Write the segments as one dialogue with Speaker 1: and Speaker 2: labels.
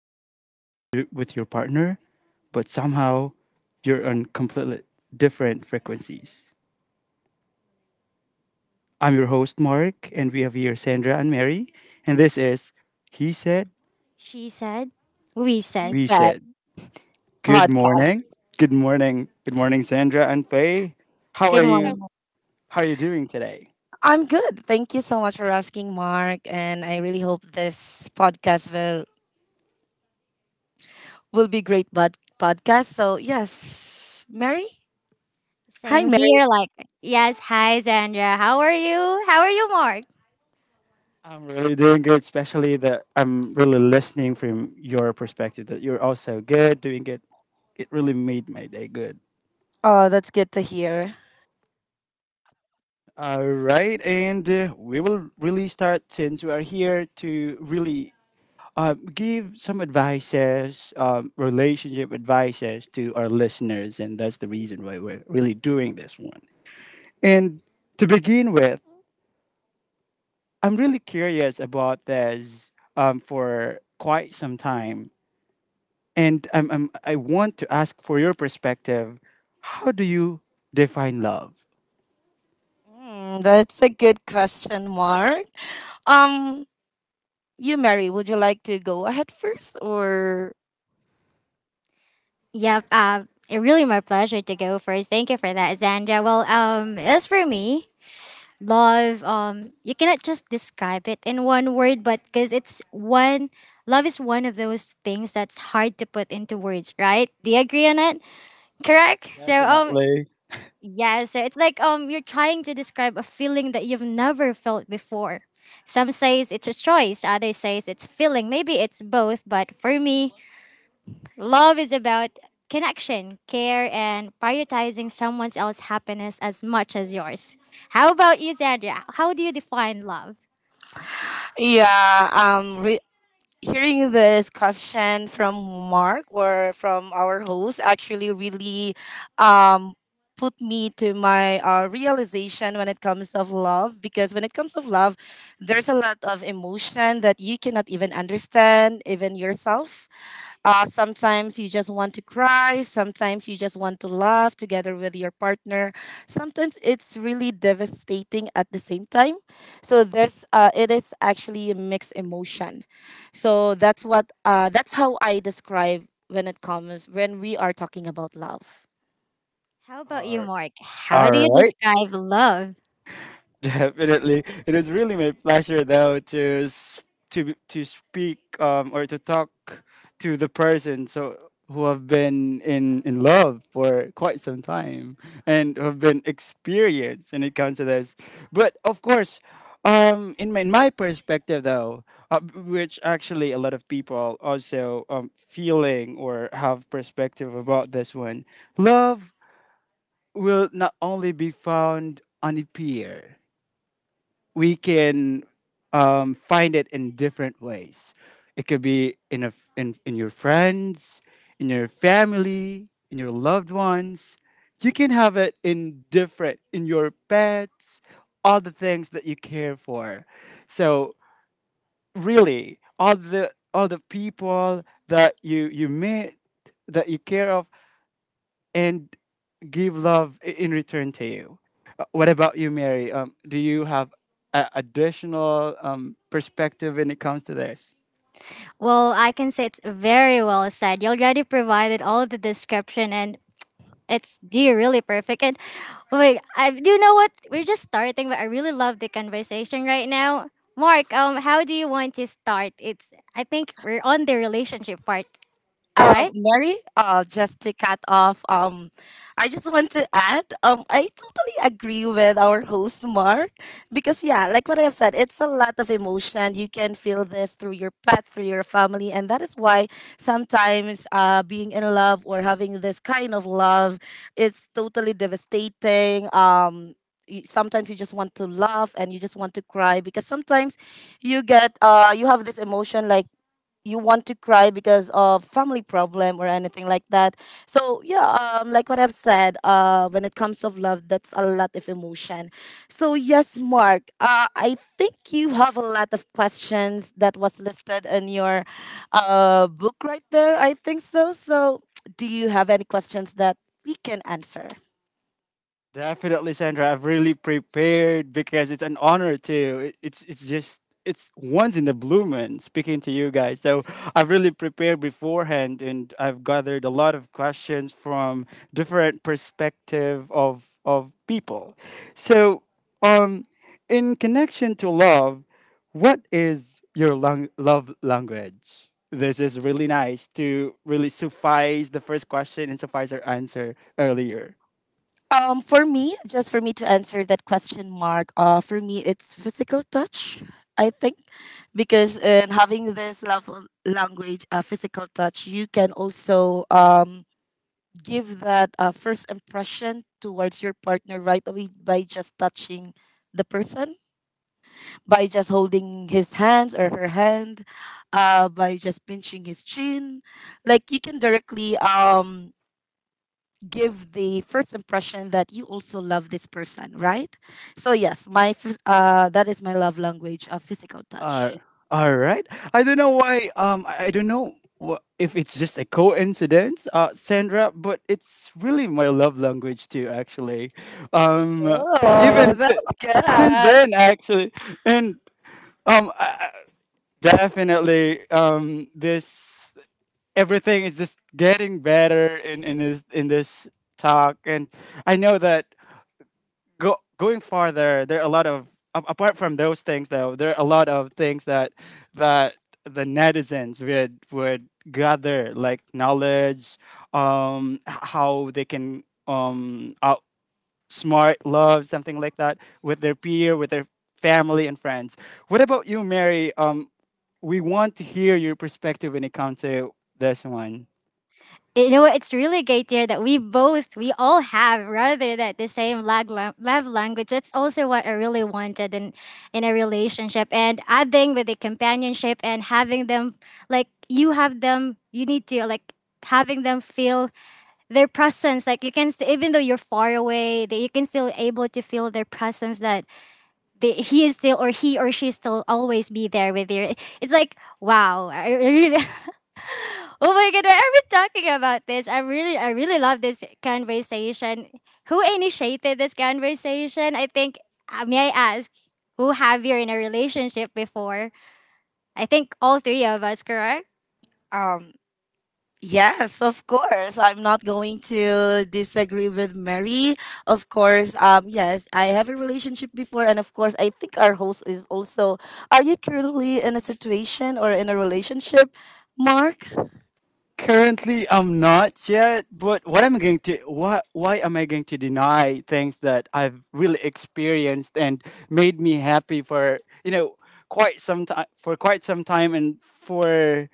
Speaker 1: the same language with your partner, but somehow you're on completely different frequencies? I'm your host, Mark, and we have here Sandra and Mary, and this is He Said,
Speaker 2: She said. We said.
Speaker 1: We
Speaker 3: Reset
Speaker 1: Said. Good
Speaker 3: podcast.
Speaker 1: morning. Good morning. Good morning, Sandra and Faye. How
Speaker 2: Good
Speaker 1: are
Speaker 2: morning.
Speaker 3: Yes,
Speaker 1: you? How are you doing today?
Speaker 3: I'm good. Thank you so much for asking, Mark. And I really hope this podcast will be great but podcast. So yes, Mary. Hi,
Speaker 2: Same
Speaker 3: Mary.
Speaker 2: here. Like, yes. Hi, Sandra. How are you? How are you, Mark?
Speaker 1: I'm really doing good, especially that I'm really listening from your perspective that you're also good, doing good. It really made my day good.
Speaker 3: Oh, that's good to hear.
Speaker 1: All right, and we will really start since we are here to really give some advices, relationship advices to our listeners, and that's the reason why we're really doing this one. And to begin with, I'm really curious about this for quite some time, and I want to ask for your perspective. How do you define love?
Speaker 3: Mm, that's a good question, Mark. Um, you, Mary, would you like to go ahead first, or
Speaker 2: Yep. It really my pleasure to go first. Thank you for that, Sandra. Well, as for me, love. You cannot just describe it in one word, but because it's one. Love is one of those things that's hard to put into words, right? Do you agree on it? Correct. So,
Speaker 1: Definitely.
Speaker 2: yeah, so it's like you're trying to describe a feeling that you've never felt before. Some says it's a choice, others says it's feeling. Maybe it's both, but for me, love is about connection, care and prioritizing someone else's happiness as much as yours. How about you, Sandra? How do you define love?
Speaker 3: yeah, hearing this question from Mark or from our host actually really um put me to my realization when it comes of love, because when it comes of love, there's a lot of emotion that you cannot even understand even yourself. Uh, sometimes you just want to cry. Sometimes you just want to laugh together with your partner. Sometimes it's really devastating at the same time. So it is actually a mixed emotion. So that's how I describe when it comes when we are talking about love.
Speaker 2: How about
Speaker 1: All
Speaker 2: you, Mark? How do you
Speaker 1: right.
Speaker 2: describe love?
Speaker 1: Definitely. It is really my pleasure though to to speak or to talk to the person so who have been in love for quite some time and who have been experienced when it comes to this. But of course, in my perspective though, which actually a lot of people also feeling or have perspective about this one. Love will not only be found on a pier, we can find it in different ways. It could be in your friends, in your family, in your loved ones. You can have it in different in your pets, all the things that you care for. So really, all the people that you meet that you care of and give love in return to you. What about you, Mary? Do you have a additional perspective when it comes to this?
Speaker 2: Well, I can say it's very well said. You already provided all the description, and it's dear, really perfect. And wait, I do you know what? We're just starting, but I really love the conversation right now. Mark, how do you want to start? It's I think we're on the relationship part, right?
Speaker 3: Mary, just to cut off, I just want to add, I totally agree with our host Mark because yeah, like what I have said, it's a lot of emotion. You can feel this through your pets, through your family, and that is why sometimes, being in love or having this kind of love, it's totally devastating. Y- Sometimes you just want to laugh and you just want to cry because sometimes you have this emotion, like you want to cry because of family problem or anything like that. So yeah, like what I've said, when it comes of love, that's a lot of emotion. So yes, Mark, I think you have a lot of questions that was listed in your book right there, I think. So, so do you have any questions that we can answer?
Speaker 1: Definitely, Sandra. I've really prepared because it's an honor to. It's once in the blue moon speaking to you guys. So I've really prepared beforehand, and I've gathered a lot of questions from different perspective of people. So, um, in connection to love, what is your love language? This is really nice to really suffice the first question and suffice our answer earlier.
Speaker 3: For me, just for me to answer that question, Mark. For me, it's physical touch. I think because in having this love language, physical touch, you can also give that first impression towards your partner right away by just touching the person, by just holding his hands or her hand, by just pinching his chin. Like you can directly give the first impression that you also love this person, right? So yes, that is my love language of physical
Speaker 1: Uh,
Speaker 3: touch.
Speaker 1: all right. I don't know why. I don't know if it's just a coincidence, Sandra, but it's really my love language too, actually. Um,
Speaker 3: Oh,
Speaker 1: even si-
Speaker 3: that's
Speaker 1: since
Speaker 3: good.
Speaker 1: then, actually, and um, I, I- definitely, this everything is just getting better in this talk, and I know that go going farther, there are a lot of apart from those things though, there are a lot of things that that the netizens would gather like knowledge, how they can outsmart love, something like that, with their peer, with their family and friends. What about you, Mary? We want to hear your perspective when it comes to this one.
Speaker 2: You know what? It's really great here that we both, we all have rather that the same love language. That's also what I really wanted in a relationship. And adding with the companionship and having them, like you have them, you need to like having them feel their presence like you can even though you're far away that you can still able to feel their presence that he is still or he or she still always be there with you. It's like wow, I really oh my god, why are we talking about this? I really love this conversation. Who initiated this conversation? I think may I ask who have you in a relationship before? I think all three of us, correct?
Speaker 3: Um, yes, of course. I'm not going to disagree with Mary. Of course, yes, I have a relationship before, and of course, I think our host is also. Are you currently in a situation or in a relationship, Mark?
Speaker 1: Currently, I'm not yet, but what am I going to, why am I going to deny things that I've really experienced and made me happy for, you know, quite some time, for quite some time, and for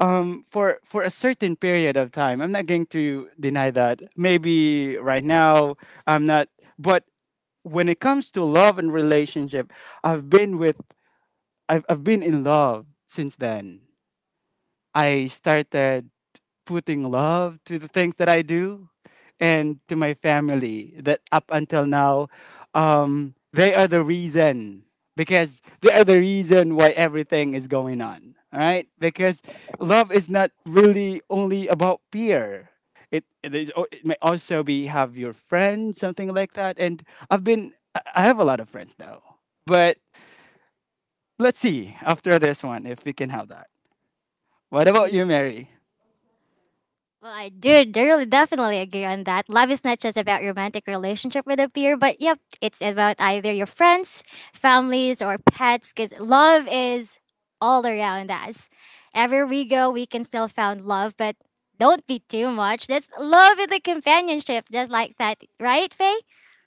Speaker 1: for a certain period of time. I'm not going to deny that. Maybe right now I'm not, but when it comes to love and relationship, I've been with I've been in love since then. I started putting love to the things that I do and to my family that up until now, they are the reason, because they are the reason why everything is going on all right, because love is not really only about peer. It may also be have your friends, something like that. And I've been I have a lot of friends now, but let's see after this one if we can have that. What about
Speaker 3: Hey.
Speaker 1: you, Mary?
Speaker 2: Well, I do really definitely agree on that. Love is not just about romantic relationship with a peer, but yep, it's about either your friends, families, or pets. Because love is all around us. Everywhere we go, we can still find love, but don't be too much. That's love in the companionship, just like that, right, Faye?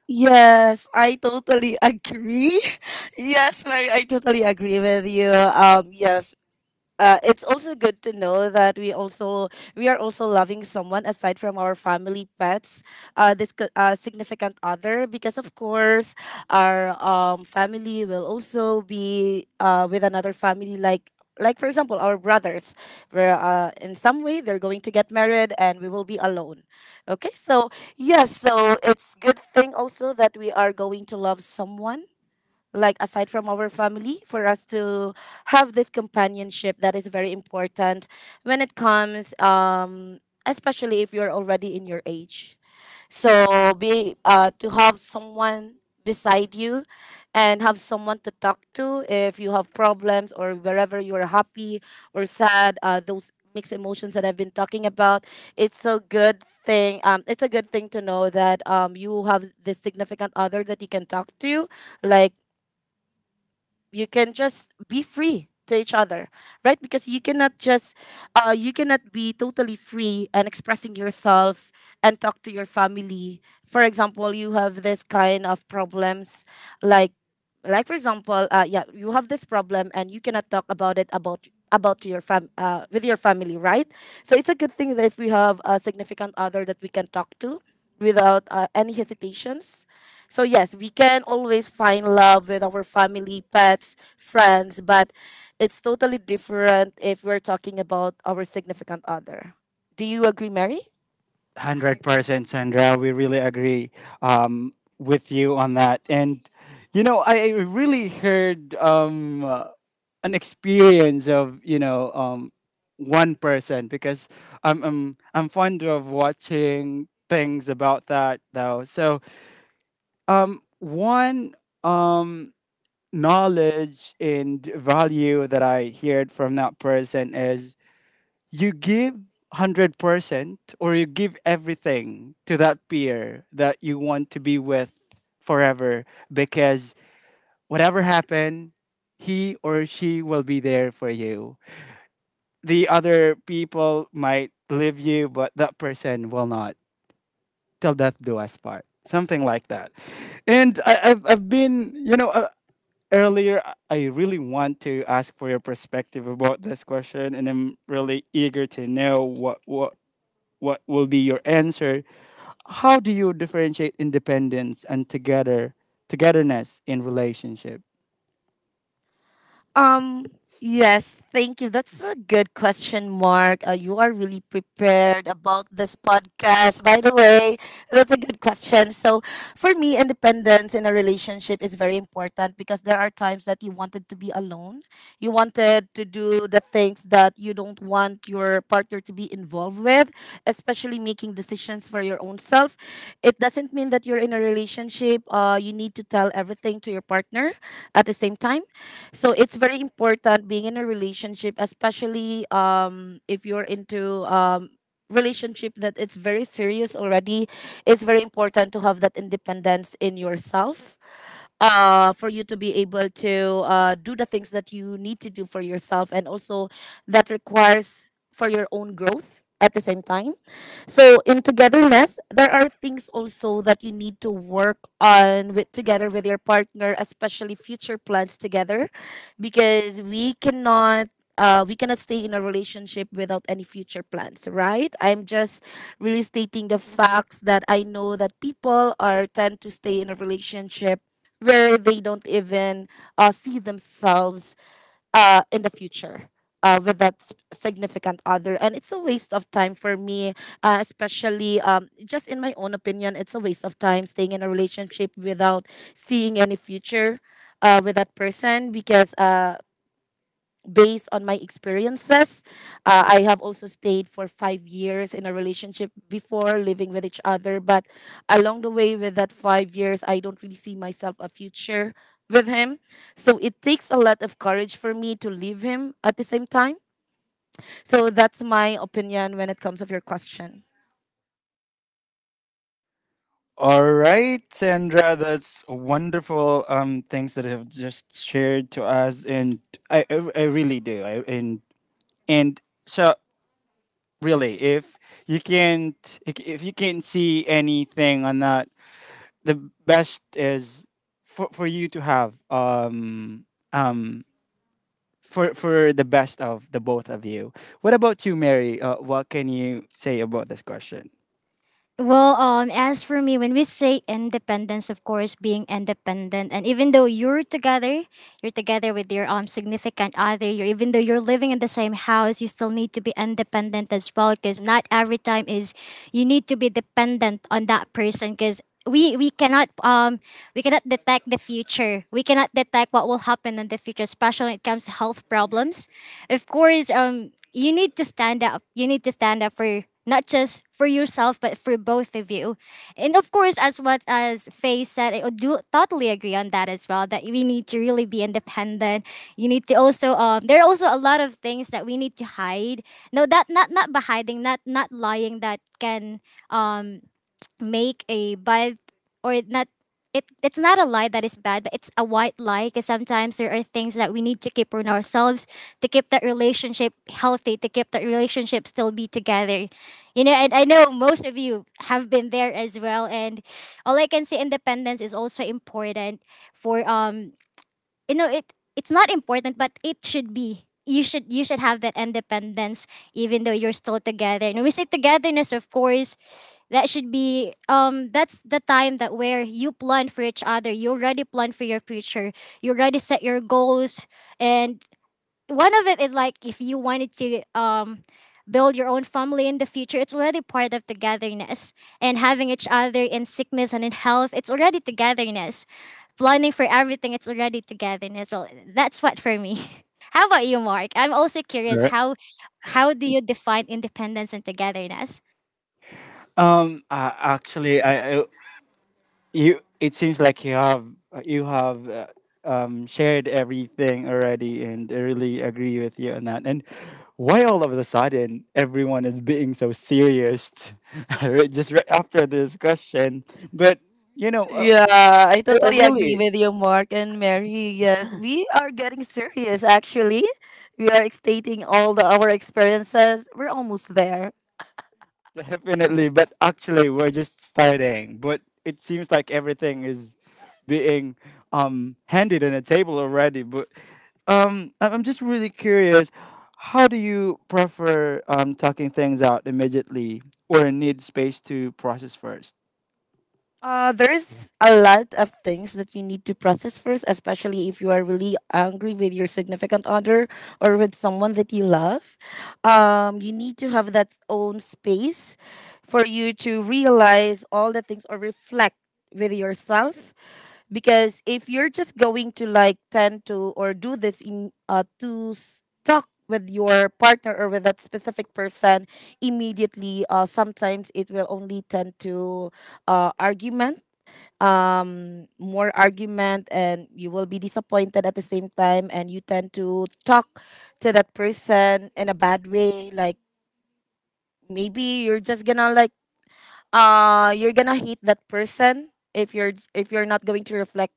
Speaker 3: Yes, I totally agree. Yes, Mary, I totally agree with you. Yes, it's also good to know that we are also loving someone aside from our family pets, significant other, because of course our family will also be with another family, like for example our brothers, where in some way they're going to get married and we will be alone. Okay, so yes, so it's good thing also that we are going to love someone, like aside from our family, for us to have this companionship that is very important when it comes especially if you're already in your age. So be to have someone beside you, and have someone to talk to if you have problems or wherever you're happy or sad, those mixed emotions that I've been talking about. It's a good thing to know that you have this significant other that you can talk to, like you can just be free to each other, right? Because you cannot be totally free and expressing yourself and talk to your family. For example, you have this kind of problems, like like for example, yeah, you have this problem and you cannot talk about it about to your fam with your family, right? So it's a good thing that if we have a significant other that we can talk to without any hesitations. So, yes, we can always find love with our family, pets, friends, but it's totally different if we're talking about our significant other. Do you agree, Mary?
Speaker 2: I
Speaker 1: Hundred
Speaker 2: agree.
Speaker 1: percent, Sandra. We really agree, um, with you on that. And you know, I really heard, an experience of, you know, one person because I'm fond of watching things about that though. So one um, knowledge and value that I heard from that person is, you give 100% or you give everything to that peer that you want to be with forever, because whatever happened, he or she will be there for you. The other people might leave you, but that person will not. Till death do us part, something like that. And I've been, you know, earlier I really want to ask for your perspective about this question, and I'm really eager to know what will be your answer. How do you differentiate independence and togetherness in relationship?
Speaker 3: Um. Yes, thank you. That's a good question, Mark. You are really prepared about this podcast. By the way, that's a good question. So, for me, independence in a relationship is very important because there are times that you wanted to be alone. You wanted to do the things that you don't want your partner to be involved with, especially making decisions for your own self. It doesn't mean that you're in a relationship, you need to tell everything to your partner at the same time. So it's very important being in a relationship, especially if you're into relationship that it's very serious already. It's very important to have that independence in yourself, for you to be able to do the things that you need to do for yourself and also that requires for your own growth at the same time. So in togetherness, there are things also that you need to work on with together with your partner, especially future plans together, because we cannot stay in a relationship without any future plans, right? I'm just really stating the facts that I know that people are tend to stay in a relationship where they don't even see themselves in the future with that significant other. And it's a waste of time for me, especially just in my own opinion, it's a waste of time staying in a relationship without seeing any future. With that person because based on my experiences. I have also stayed for 5 years in a relationship before living with each other, but along the way with that 5 years, I don't really see myself a future with him. So it takes a lot of courage for me to leave him at the same time. So that's my opinion when it comes of your question.
Speaker 1: All right, Sandra, that's wonderful things that have just shared to us, and I I, I really do. I, and so really, if you can't, if you can't see anything on that, the best is for you to have um for the best of the both of you. What about you, Mary? What can you say about this question?
Speaker 2: Well, as for me, when we say independence, of course, being independent, and even though you're together with your significant other, you're even though you're living in the same house, you still need to be independent as well, because not every time is you need to be dependent on that person, because we cannot detect the future. We cannot detect what will happen in the future, especially when it comes to health problems. Of course, You need to stand up. You need to stand up for not just for yourself but for both of you. And of course, as what as Faye said, I do totally agree on that as well. That we need to really be independent. You need to also there are also a lot of things that we need to hide. No, that not by hiding, not lying that can make a bad or not. It's not a lie that is bad, but it's a white lie because sometimes there are things that we need to keep on ourselves to keep that relationship healthy, to keep that relationship still be together. You know and I know most of you have been there as well. And all I can say, independence is also important for it's not important, but it should be. You should have that independence even though you're still together. And we say togetherness, of course, that should be that's the time that where you plan for each other. You already plan for your future, you already set your goals, and one of it is like if you wanted to build your own family in the future, it's already part of togetherness. And having each other in sickness and in health, it's already togetherness. Planning for everything, it's already togetherness. Well, that's what for me. How about you, Mark? I'm also curious,
Speaker 1: Right.
Speaker 2: how do you define independence and togetherness?
Speaker 1: Actually, I you, it seems like you have, shared everything already, and I really agree with you on that. And why all of a sudden everyone is being so serious just right after this question? But you know,
Speaker 3: Yeah, I
Speaker 1: I
Speaker 3: totally agree
Speaker 1: really,
Speaker 3: with you, Mark and Mary. Yes, we are getting serious actually. We are stating all the, our experiences. We're almost there.
Speaker 1: definitely, but actually we're just starting. But it seems like everything is being handed on a table already. But I'm just really curious, how do you prefer talking things out immediately or need space to process first?
Speaker 3: There's a lot of things that you need to process first, especially if you are really angry with your significant other or with someone that you love. You need to have that own space for you to realize all the things or reflect with yourself. Because if you're just going to like tend to or to stuck with your partner or with that specific person immediately, sometimes it will only tend to argument, more argument, and you will be disappointed at the same time, and you tend to talk to that person in a bad way, like maybe you're just gonna you're gonna hate that person if you're not going to reflect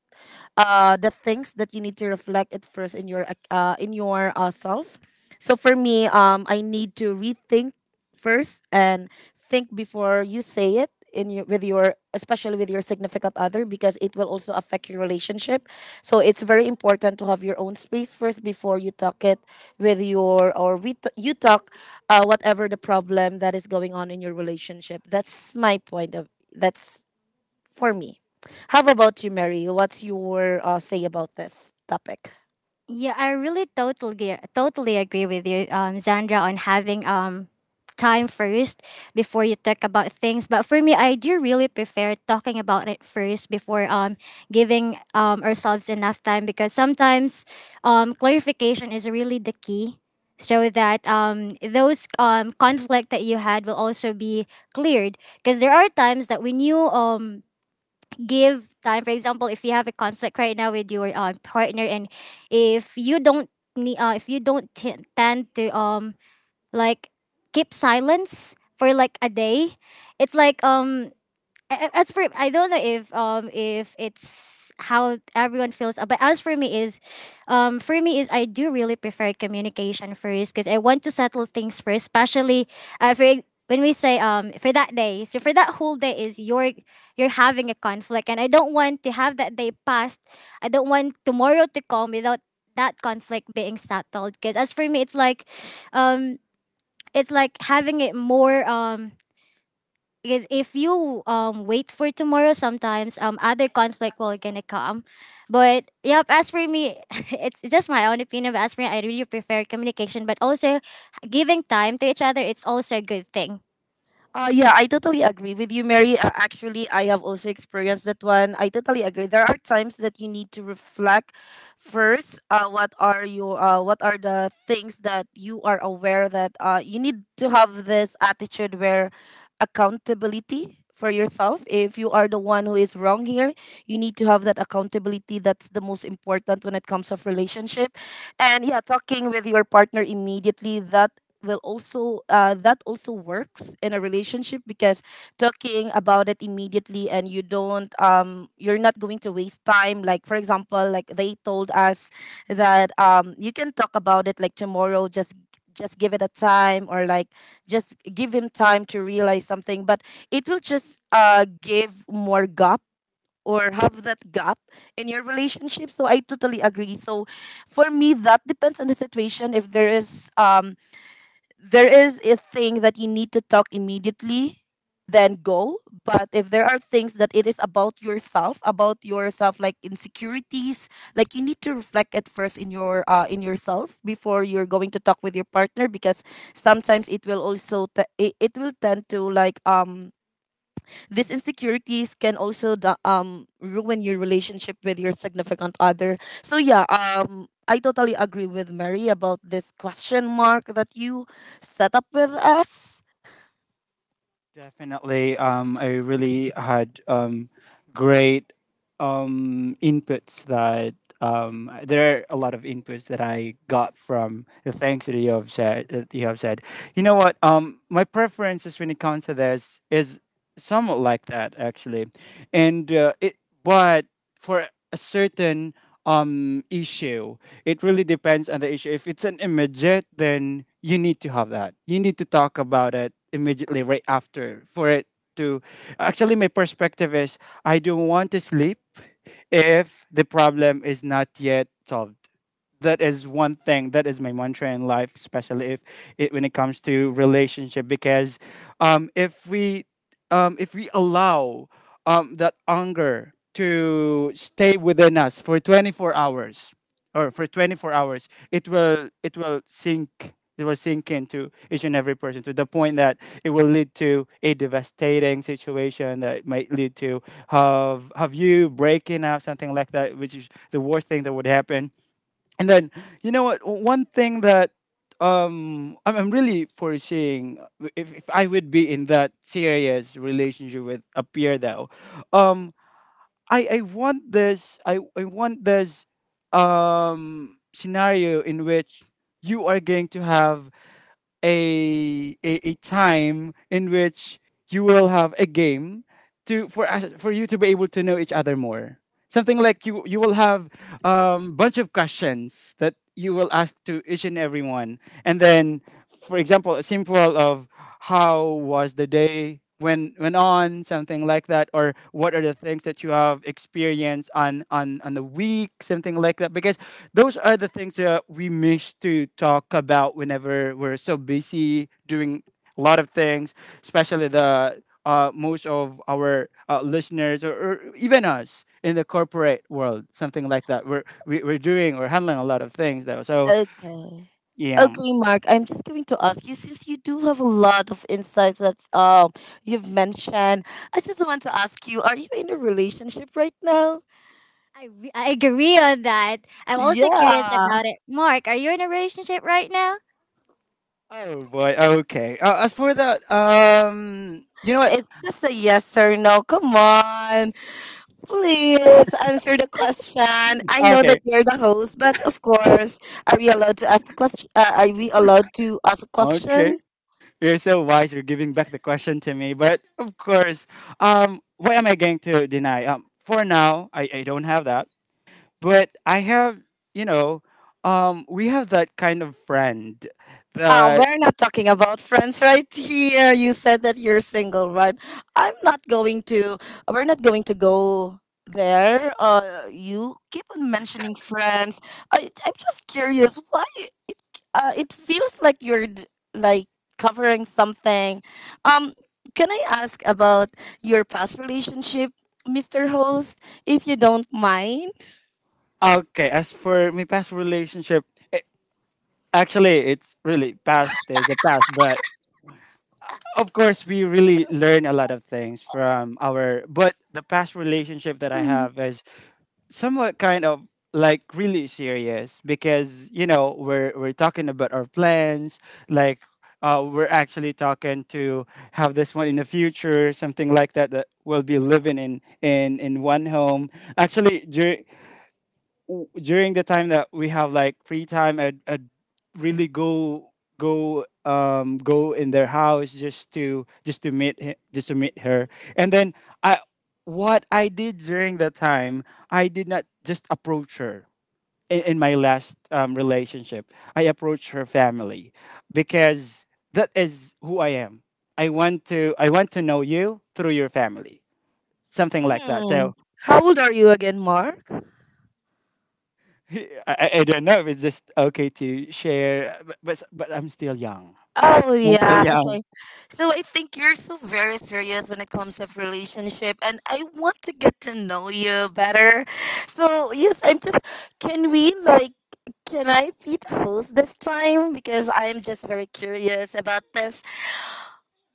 Speaker 3: the things that you need to reflect at first in your self. So for me, I need to rethink first and think before you say it in your with your especially with your significant other, because it will also affect your relationship. So it's very important to have your own space first before you talk it with your or we t- you talk whatever the problem that is going on in your relationship. That's my point of That's for me. How about you, Mary? What's your say about this topic?
Speaker 2: Yeah, I really totally agree with you, Zandra, on having time first before you talk about things. But for me, I do really prefer talking about it first before giving ourselves enough time, because sometimes clarification is really the key. So that those conflict that you had will also be cleared, because there are times that we knew. Give time, for example, if you have a conflict right now with your partner, and if you don't if you don't tend to like keep silence for like a day, it's like as for, I don't know if it's how everyone feels, but as for me is, for me is, I do really prefer communication first, because I want to settle things first, especially when we say for that day. So for that whole day is you're having a conflict, and I don't want to have that day passed. I don't want tomorrow to come without that conflict being settled. Because as for me, um, it's like having it more because if you wait for tomorrow, sometimes other conflict will gonna come. But yep, as for me, it's just my own opinion, but as for me, I really prefer communication, but also giving time to each other, it's also a good thing.
Speaker 3: Yeah, I totally agree with you, Mary. Actually, I have also experienced that one. I totally agree. There are times that you need to reflect first. What are the things that you are aware that you need to have this attitude where accountability for yourself. If you are the one who is wrong here, you need to have that accountability. That's the most important when it comes of relationship. And yeah, talking with your partner immediately that will also that also works in a relationship because talking about it immediately and you don't you're not going to waste time, like for example like they told us that you can talk about it like tomorrow, just give it a time, or like just give him time to realize something. But it will just give more gap or have that gap in your relationship, so I totally agree. So for me, that depends on the situation. If there is there is a thing that you need to talk immediately, then go. But if there are things that it is about yourself, about yourself, like insecurities, like you need to reflect at first in your in yourself before you're going to talk with your partner, because sometimes it will also it will tend to like these insecurities can also ruin your relationship with your significant other. So yeah, I totally agree with Mary about this question mark that you set up with us.
Speaker 1: Definitely, I really had great inputs that there are a lot of inputs that I got from the things that you have said. That you have said, you know what? My preferences when it comes to this is somewhat like that actually, and it. But for a certain issue. It really depends on the issue. If it's an immediate, then you need to have that. You need to talk about it immediately right after for it to, actually my perspective is, I don't want to sleep if the problem is not yet solved. That is one thing. That is my mantra in life, especially if it, when it comes to relationship. Because um, if we if we allow, that anger to stay within us for 24 hours, or for 24 hours, it will, it will sink into each and every person to the point that it will lead to a devastating situation that might lead to have you breaking out, something like that, which is the worst thing that would happen. And then you know what? One thing that I'm really foreseeing, if I would be in that serious relationship with a peer though, um I want this scenario in which you are going to have a time in which you will have a game to for us for you to be able to know each other more. Something like you will have bunch of questions that you will ask to each and everyone, and then, for example, a simple of how was the day when on something like that, or what are the things that you have experienced on the week, something like that, because those are the things that we miss to talk about whenever we're so busy doing a lot of things, especially the most of our listeners, or even us in the corporate world, something like that. We're doing or handling a lot of things though. So
Speaker 3: Okay.
Speaker 1: yeah.
Speaker 3: Okay, Mark, I'm just going to ask you, since you do have a lot of insights that you've mentioned, I just want to ask you, are you in a relationship right now?
Speaker 2: I agree on that. I'm also curious
Speaker 3: Yeah.
Speaker 2: about it, Mark, are you in a relationship right now?
Speaker 1: Oh boy. Okay. As for that, you know what?
Speaker 3: It's just a yes or no. Come on. Please answer the question. I know that
Speaker 1: Okay.
Speaker 3: you're the host, but of course, are we allowed to ask the question? Are we allowed to ask a
Speaker 1: Okay.
Speaker 3: question?
Speaker 1: You're so wise. You're giving back the question to me. But of course, what am I going to deny? For now, I don't have that. But I have, you know, we have that kind of friend
Speaker 3: Ah,
Speaker 1: that,
Speaker 3: we're not talking about friends right here. You said that you're single, right? I'm not going to. We're not going to go there. You keep on mentioning friends. I'm just curious why it. It feels like you're like covering something. Um, can I ask about your past relationship, Mr. Host, if you don't mind?
Speaker 1: okay, as for my past relationship, it, actually, it's really past. There's a past. But of course, we really learn a lot of things from our, but the past relationship that I
Speaker 2: Mhm.
Speaker 1: have is somewhat kind of like really serious because you know we're talking about our plans like we're actually talking to have this one in the future something like that that we'll be living in in one home actually during the time that we have like free time I'd really go in their house just to meet him, just to meet her. And then I what I did during the time, I did not just approach her. In my last relationship, I approached her family because that is who I am. I want to know you through your family, something like that.
Speaker 3: Mm.
Speaker 1: So
Speaker 3: How old are you again, Mark?
Speaker 1: I don't know if it's just okay to share, but I'm still young.
Speaker 3: Oh
Speaker 1: I'm still
Speaker 3: yeah,
Speaker 1: young.
Speaker 3: okay. So I think you're so very serious when it comes of relationship, and I want to get to know you better. So yes, I'm just can we like can I feed host this time, because I am just very curious about this.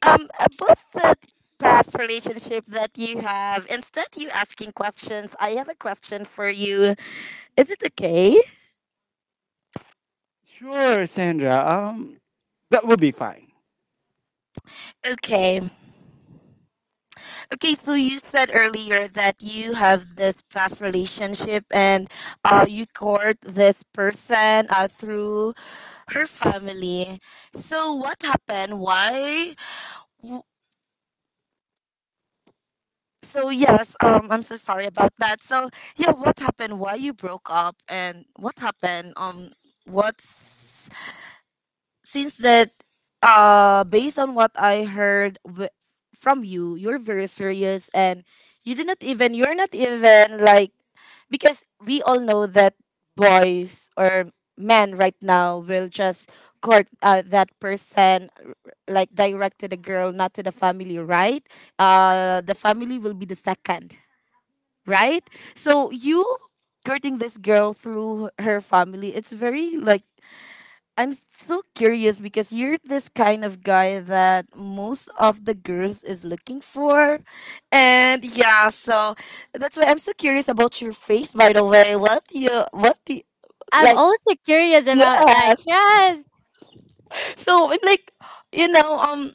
Speaker 3: Um, about the past relationship that you have. Instead you asking questions, I have a question for you. Is it okay?
Speaker 1: Sure, Sandra. That will be fine.
Speaker 3: Okay. Okay, so you said earlier that you have this past relationship and you court this person through her family. So what happened? Why? w- So yes, I'm so sorry about that. So yeah, what happened? Why you broke up and what happened? What's since that based on what I heard from you, you're very serious, and you did not even you're not even like, because we all know that boys or men right now will just court that person, like direct to the girl, not to the family, right? Uh, the family will be the second, right? So you courting this girl through her family, it's very like, I'm so curious because you're this kind of guy that most of the girls is looking for. And yeah, so that's why I'm so curious about your face, by the way. What do you,
Speaker 2: I'm
Speaker 3: like
Speaker 2: also curious about that,
Speaker 3: yes.
Speaker 2: yes.
Speaker 3: So I'm like, you know, um,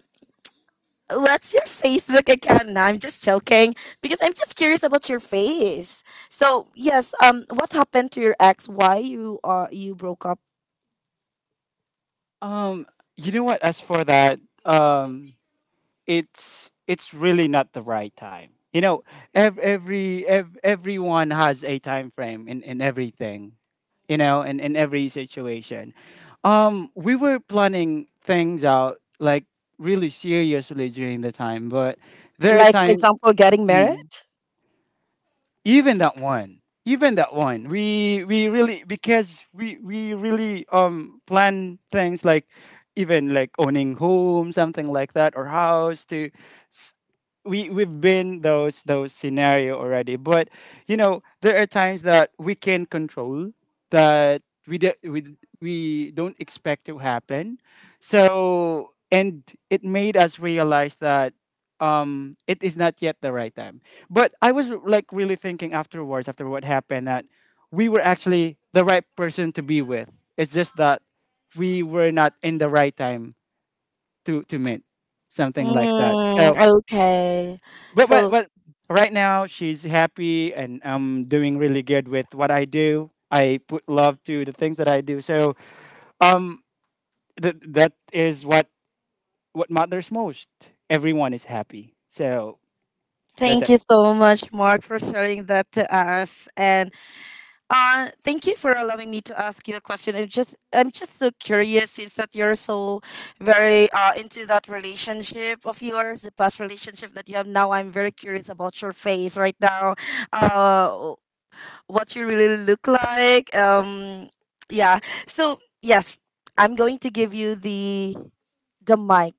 Speaker 3: what's your Facebook account? No, I'm just joking, because I'm just curious about your face. So, yes, um, what happened to your ex? Why you you broke up?
Speaker 1: Um, you know what? As for that, um, it's really not the right time. You know, everyone has a time frame in everything. You know, in every situation. We were planning things out like really seriously during the time, but there are
Speaker 3: Like for
Speaker 1: time.
Speaker 3: example, getting married?
Speaker 1: Mm. Even that one, we really because we really plan things like even like owning home, something like that, or house. To s- we we've been those scenario already, but you know there are times that we can control that we de- we d- we don't expect to happen. So and it made us realize that it is not yet the right time, but I was like really thinking afterwards, after what happened, that we were actually the right person to be with. It's just that we were not in the right time to meet, something like that.
Speaker 3: Mm,
Speaker 1: So
Speaker 3: okay.
Speaker 1: but but
Speaker 3: So
Speaker 1: but right now she's happy and I'm doing really good with what I do. I put love to the things that I do. So um that is what matters most. Everyone is happy. So that's
Speaker 3: thank
Speaker 1: it.
Speaker 3: you so much, Mark, for sharing that to us, and thank you for allowing me to ask you a question. I'm just so curious since that you're so very into that relationship of yours, the past relationship that you have now. I'm very curious about your face right now, uh, what you really look like. Yeah. So yes, I'm going to give you the mic.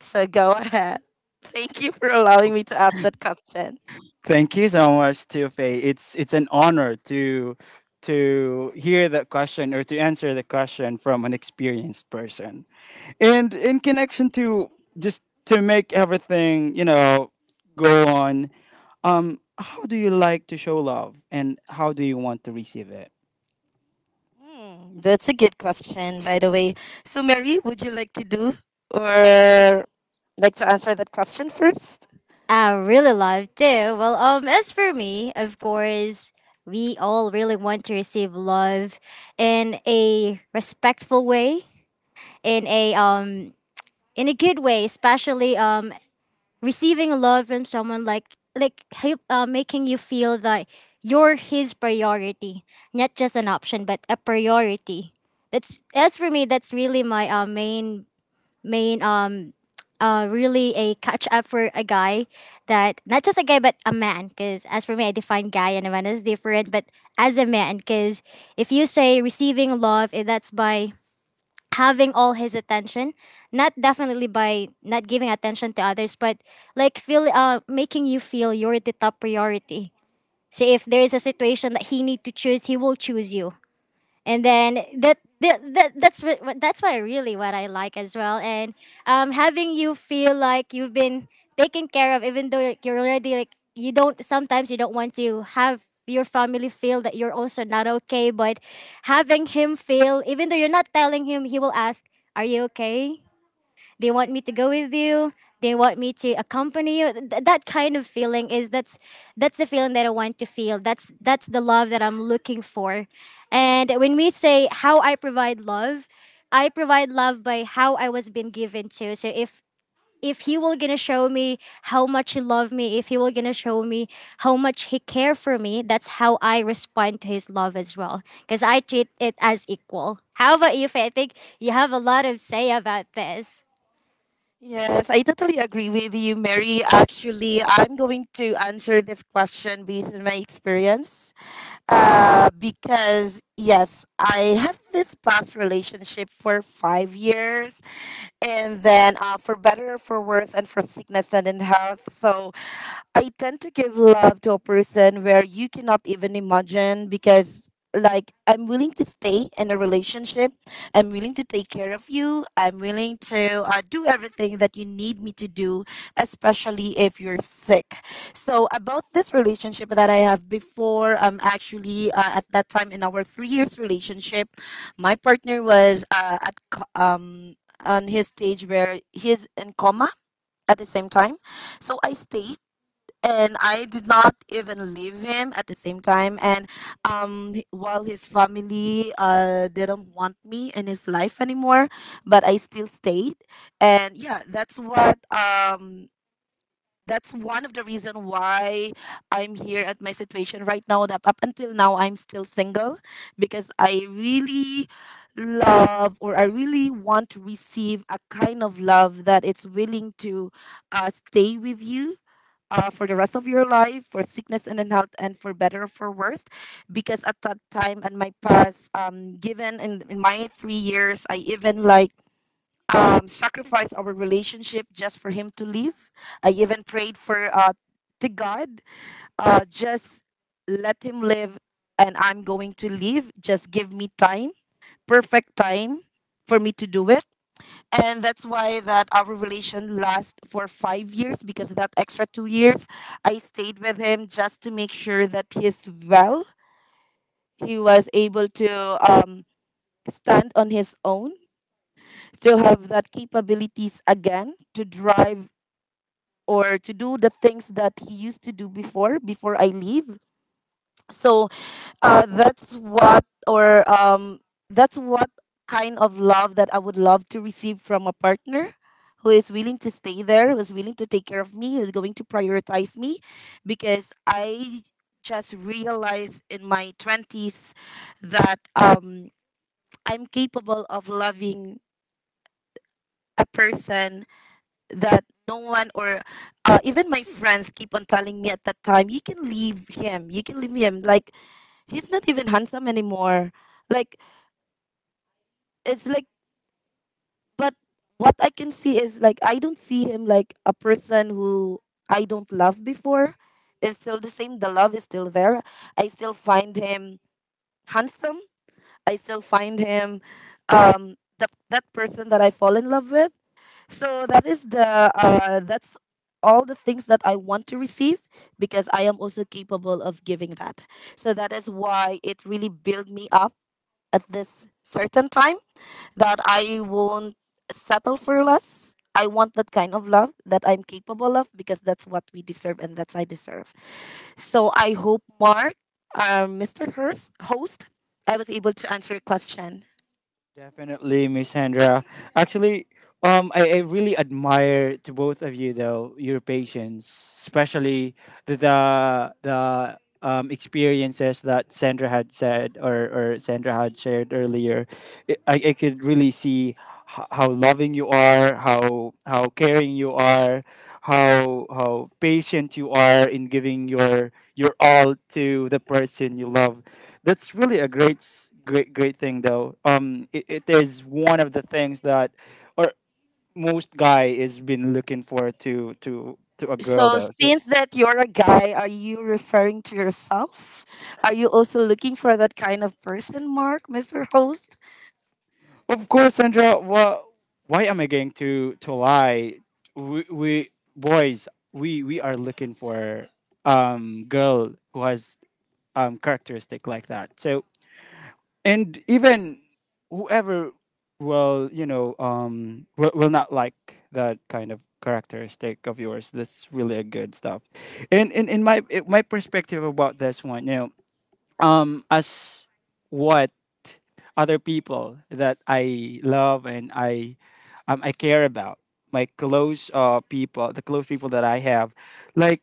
Speaker 3: So go ahead. Thank you for allowing me to ask that question.
Speaker 1: Thank you so much, Tiofe. It's an honor to hear that question, or to answer the question from an experienced person. And in connection to, just to make everything, you know, go on, how do you like to show love and how do you want to receive it?
Speaker 3: Hmm, that's a good question, by the way. So, Mary, would you like to do or like to answer that question first?
Speaker 2: I really love too. Well, as for me, of course, we all really want to receive love in a respectful way, in a um, in a good way, especially receiving love from someone like like making you feel that you're his priority, not just an option, but a priority. That's as for me. That's really my main mean really a catch up for a guy, that not just a guy but a man, because as for me, I define guy and a man as different. But as a man, because if you say receiving love, that's by having all his attention, not definitely by not giving attention to others, but like feel making you feel you're the top priority. So if there is a situation that he need to choose, he will choose you. And then that's why really what I like as well. And having you feel like you've been taken care of, even though you're already like, you don't sometimes, you don't want to have your family feel that you're also not okay, but having him feel, even though you're not telling him, he will ask, are you okay? They want me to go with you. They want me to accompany you. That kind of feeling is that's the feeling that I want to feel. That's the love that I'm looking for. And when we say how I provide love by how I was being given to. So if he will gonna show me how much he loved me, if he will gonna show me how much he care for me, that's how I respond to his love as well. Because I treat it as equal. How about you, Faye? I think you have a lot of say about this.
Speaker 3: Yes, I totally agree with you, Mary. Actually, I'm going to answer this question based on my experience. Because yes, I have this past relationship for 5 years, and then for better, for worse, and for sickness and in health. So I tend to give love to a person where you cannot even imagine, because like I'm willing to stay in a relationship. I'm willing to take care of you. I'm willing to do everything that you need me to do, especially if you're sick. So about this relationship that I have before, actually at that time in our 3 years relationship, my partner was on his stage where he's in coma at the same time. So I stayed, and I did not even leave him at the same time. And while his family didn't want me in his life anymore, but I still stayed. And yeah, that's what that's one of the reason why I'm here at my situation right now, that up until now I'm still single, because I really love or I really want to receive a kind of love that it's willing to stay with you for the rest of your life, for sickness and in health and for better or for worse, because at that time and my past given in my 3 years, I even like sacrifice our relationship just for him to live. I even prayed for to God, just let him live, and I'm going to live. Just give me time, perfect time for me to do it. And that's why that our relation lasts for 5 years, because that extra 2 years I stayed with him just to make sure that he's well. He was able to um, stand on his own, to have that capabilities again to drive or to do the things that he used to do before I leave. So that's what or that's what kind of love that I would love to receive from a partner who is willing to stay there, who's willing to take care of me, who's going to prioritize me, because I just realized in my 20s that I'm capable of loving a person that no one or even my friends keep on telling me at that time, you can leave him. You can leave him. Like he's not even handsome anymore. Like it's like but what I can see is like I don't see him like a person who I don't love before. It's still the same. The love is still there. I still find him handsome. I still find him that person that I fall in love with. So that is the that's all the things that I want to receive, because I am also capable of giving that. So that is why it really built me up at this certain time, that I won't settle for less. I want that kind of love that I'm capable of, because that's what we deserve and that's I deserve. So I hope Mark, Mr. Hurst, host, I was able to answer your question.
Speaker 1: Definitely, Miss Hendra. Actually, I really admire to both of you though your patience, especially the experiences that Sandra had said, or Sandra had shared earlier. I could really see how loving you are, how caring you are, how patient you are in giving your all to the person you love. That's really a great s- great great thing though. It is one of the things that, or most guy is been looking for to a girl
Speaker 3: So,
Speaker 1: though. So
Speaker 3: since that you're a guy, are you referring to yourself? Are you also looking for that kind of person, Mark, Mr. Host?
Speaker 1: of course, Sandra. Well, why am I going to lie? We boys, we are looking for girl who has characteristic like that. So and even whoever will, you know, will not like that kind of characteristic of yours. That's really a good stuff. And in my perspective about this one, you know, um, as what other people that I love, and I care about, my close people, the close people that I have, like,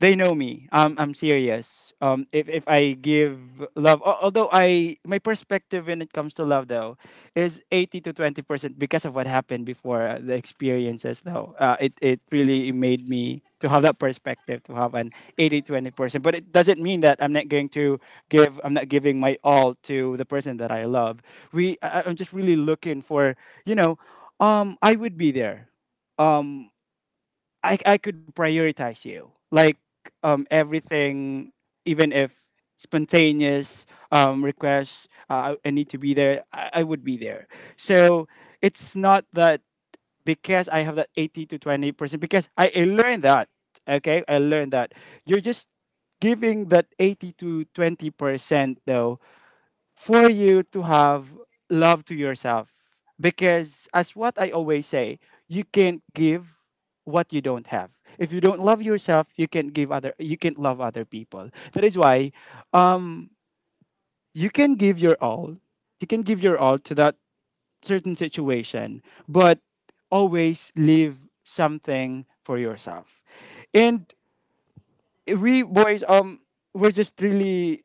Speaker 1: they know me. Um, I'm serious. Um, if I give love, although I my perspective when it comes to love though is 80 to 20% because of what happened before. The experiences though, it really made me to have that perspective, to have an 80 20%, but it doesn't mean that I'm not going to give. I'm not giving my all to the person that I love. We I'm just really looking for, you know, um, I would be there. Um, I could prioritize you. Like, um, everything, even if spontaneous requests, I need to be there. I would be there. So it's not that, because I have that 80 to 20%. Because I learned that. Okay, I learned that you're just giving that 80 to 20% though for you to have love to yourself. Because, as what I always say, you can't give what you don't have. If you don't love yourself, you can't give other. You can't love other people. That is why, um, you can give your all. You can give your all to that certain situation, but always leave something for yourself. And we boys, we're just really,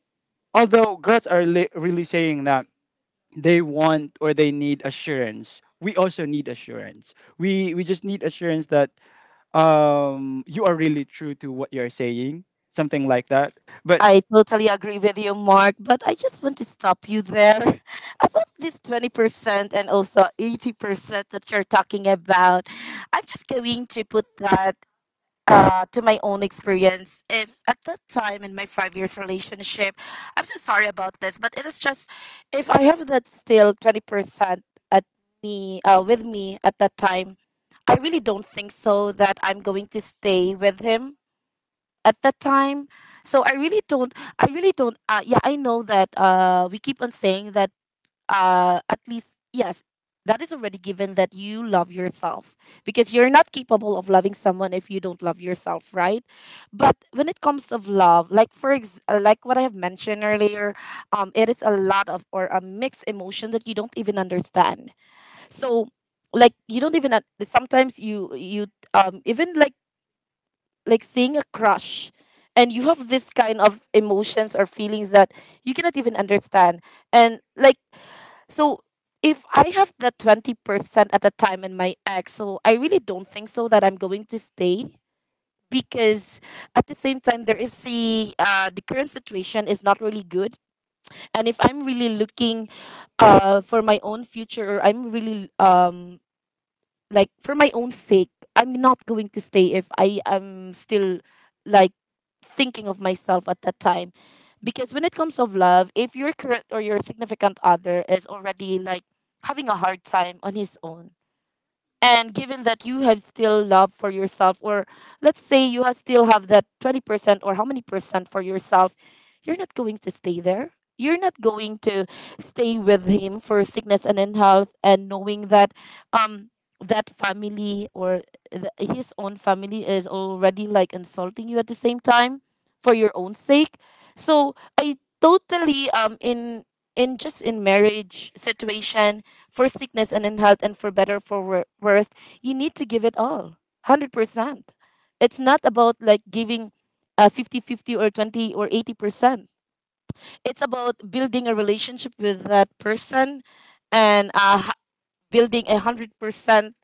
Speaker 1: although girls are really saying that they want or they need assurance. We also need assurance. We just need assurance that you are really true to what you're saying, something like that. But
Speaker 3: I totally agree with you, Mark, but I just want to stop you there about this 20% and also 80% that you're talking about. I'm just going to put that to my own experience. If at that time in my 5 years relationship, I'm so sorry about this, but it is just if I have that still 20% at me with me at that time, I really don't think so that I'm going to stay with him at that time. So I really don't. I really don't. Yeah, I know that we keep on saying that at least, yes, that is already given that you love yourself, because you're not capable of loving someone if you don't love yourself, right? But when it comes of love, like like what I have mentioned earlier, it is a lot of or a mixed emotion that you don't even understand. So, like you don't even sometimes you even like seeing a crush. And you have this kind of emotions or feelings that you cannot even understand. And like so if I have the 20% at the time in my ex, so I really don't think so that I'm going to stay because at the same time there is the current situation is not really good. And if I'm really looking for my own future, or I'm really like for my own sake, I'm not going to stay if I am still like thinking of myself at that time. Because when it comes of love, if your current or your significant other is already like having a hard time on his own, and given that you have still love for yourself, or let's say you have still have that 20%, or how many percent for yourself, you're not going to stay there. You're not going to stay with him for sickness and in health, and knowing that um that family or his own family is already like insulting you at the same time. For your own sake. So I totally in just in marriage situation, for sickness and in health and for better for worse, you need to give it all 100%. It's not about like giving 50-50 or 20 or 80%. It's about building a relationship with that person. And building a 100%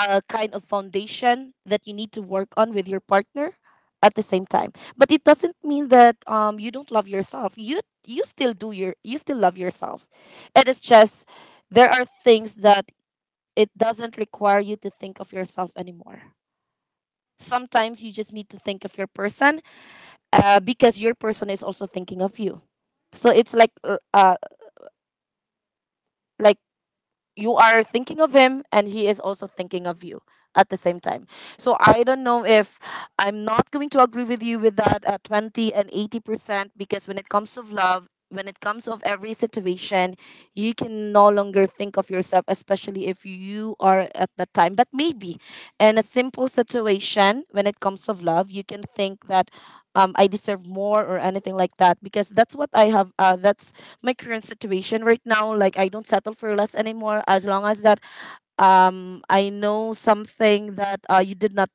Speaker 3: kind of foundation that you need to work on with your partner at the same time. But it doesn't mean that you don't love yourself. You still do your you still love yourself. It is just there are things that it doesn't require you to think of yourself anymore. Sometimes you just need to think of your person, because your person is also thinking of you. So it's like you are thinking of him and he is also thinking of you at the same time. So I don't know if I'm not going to agree with you with that 20 and 80%, because when it comes of love, when it comes of every situation, you can no longer think of yourself, especially if you are at that time. But maybe in a simple situation, when it comes of love, you can think that I deserve more or anything like that because that's what I have. That's my current situation right now. Like I don't settle for less anymore, as long as that I know something that you did not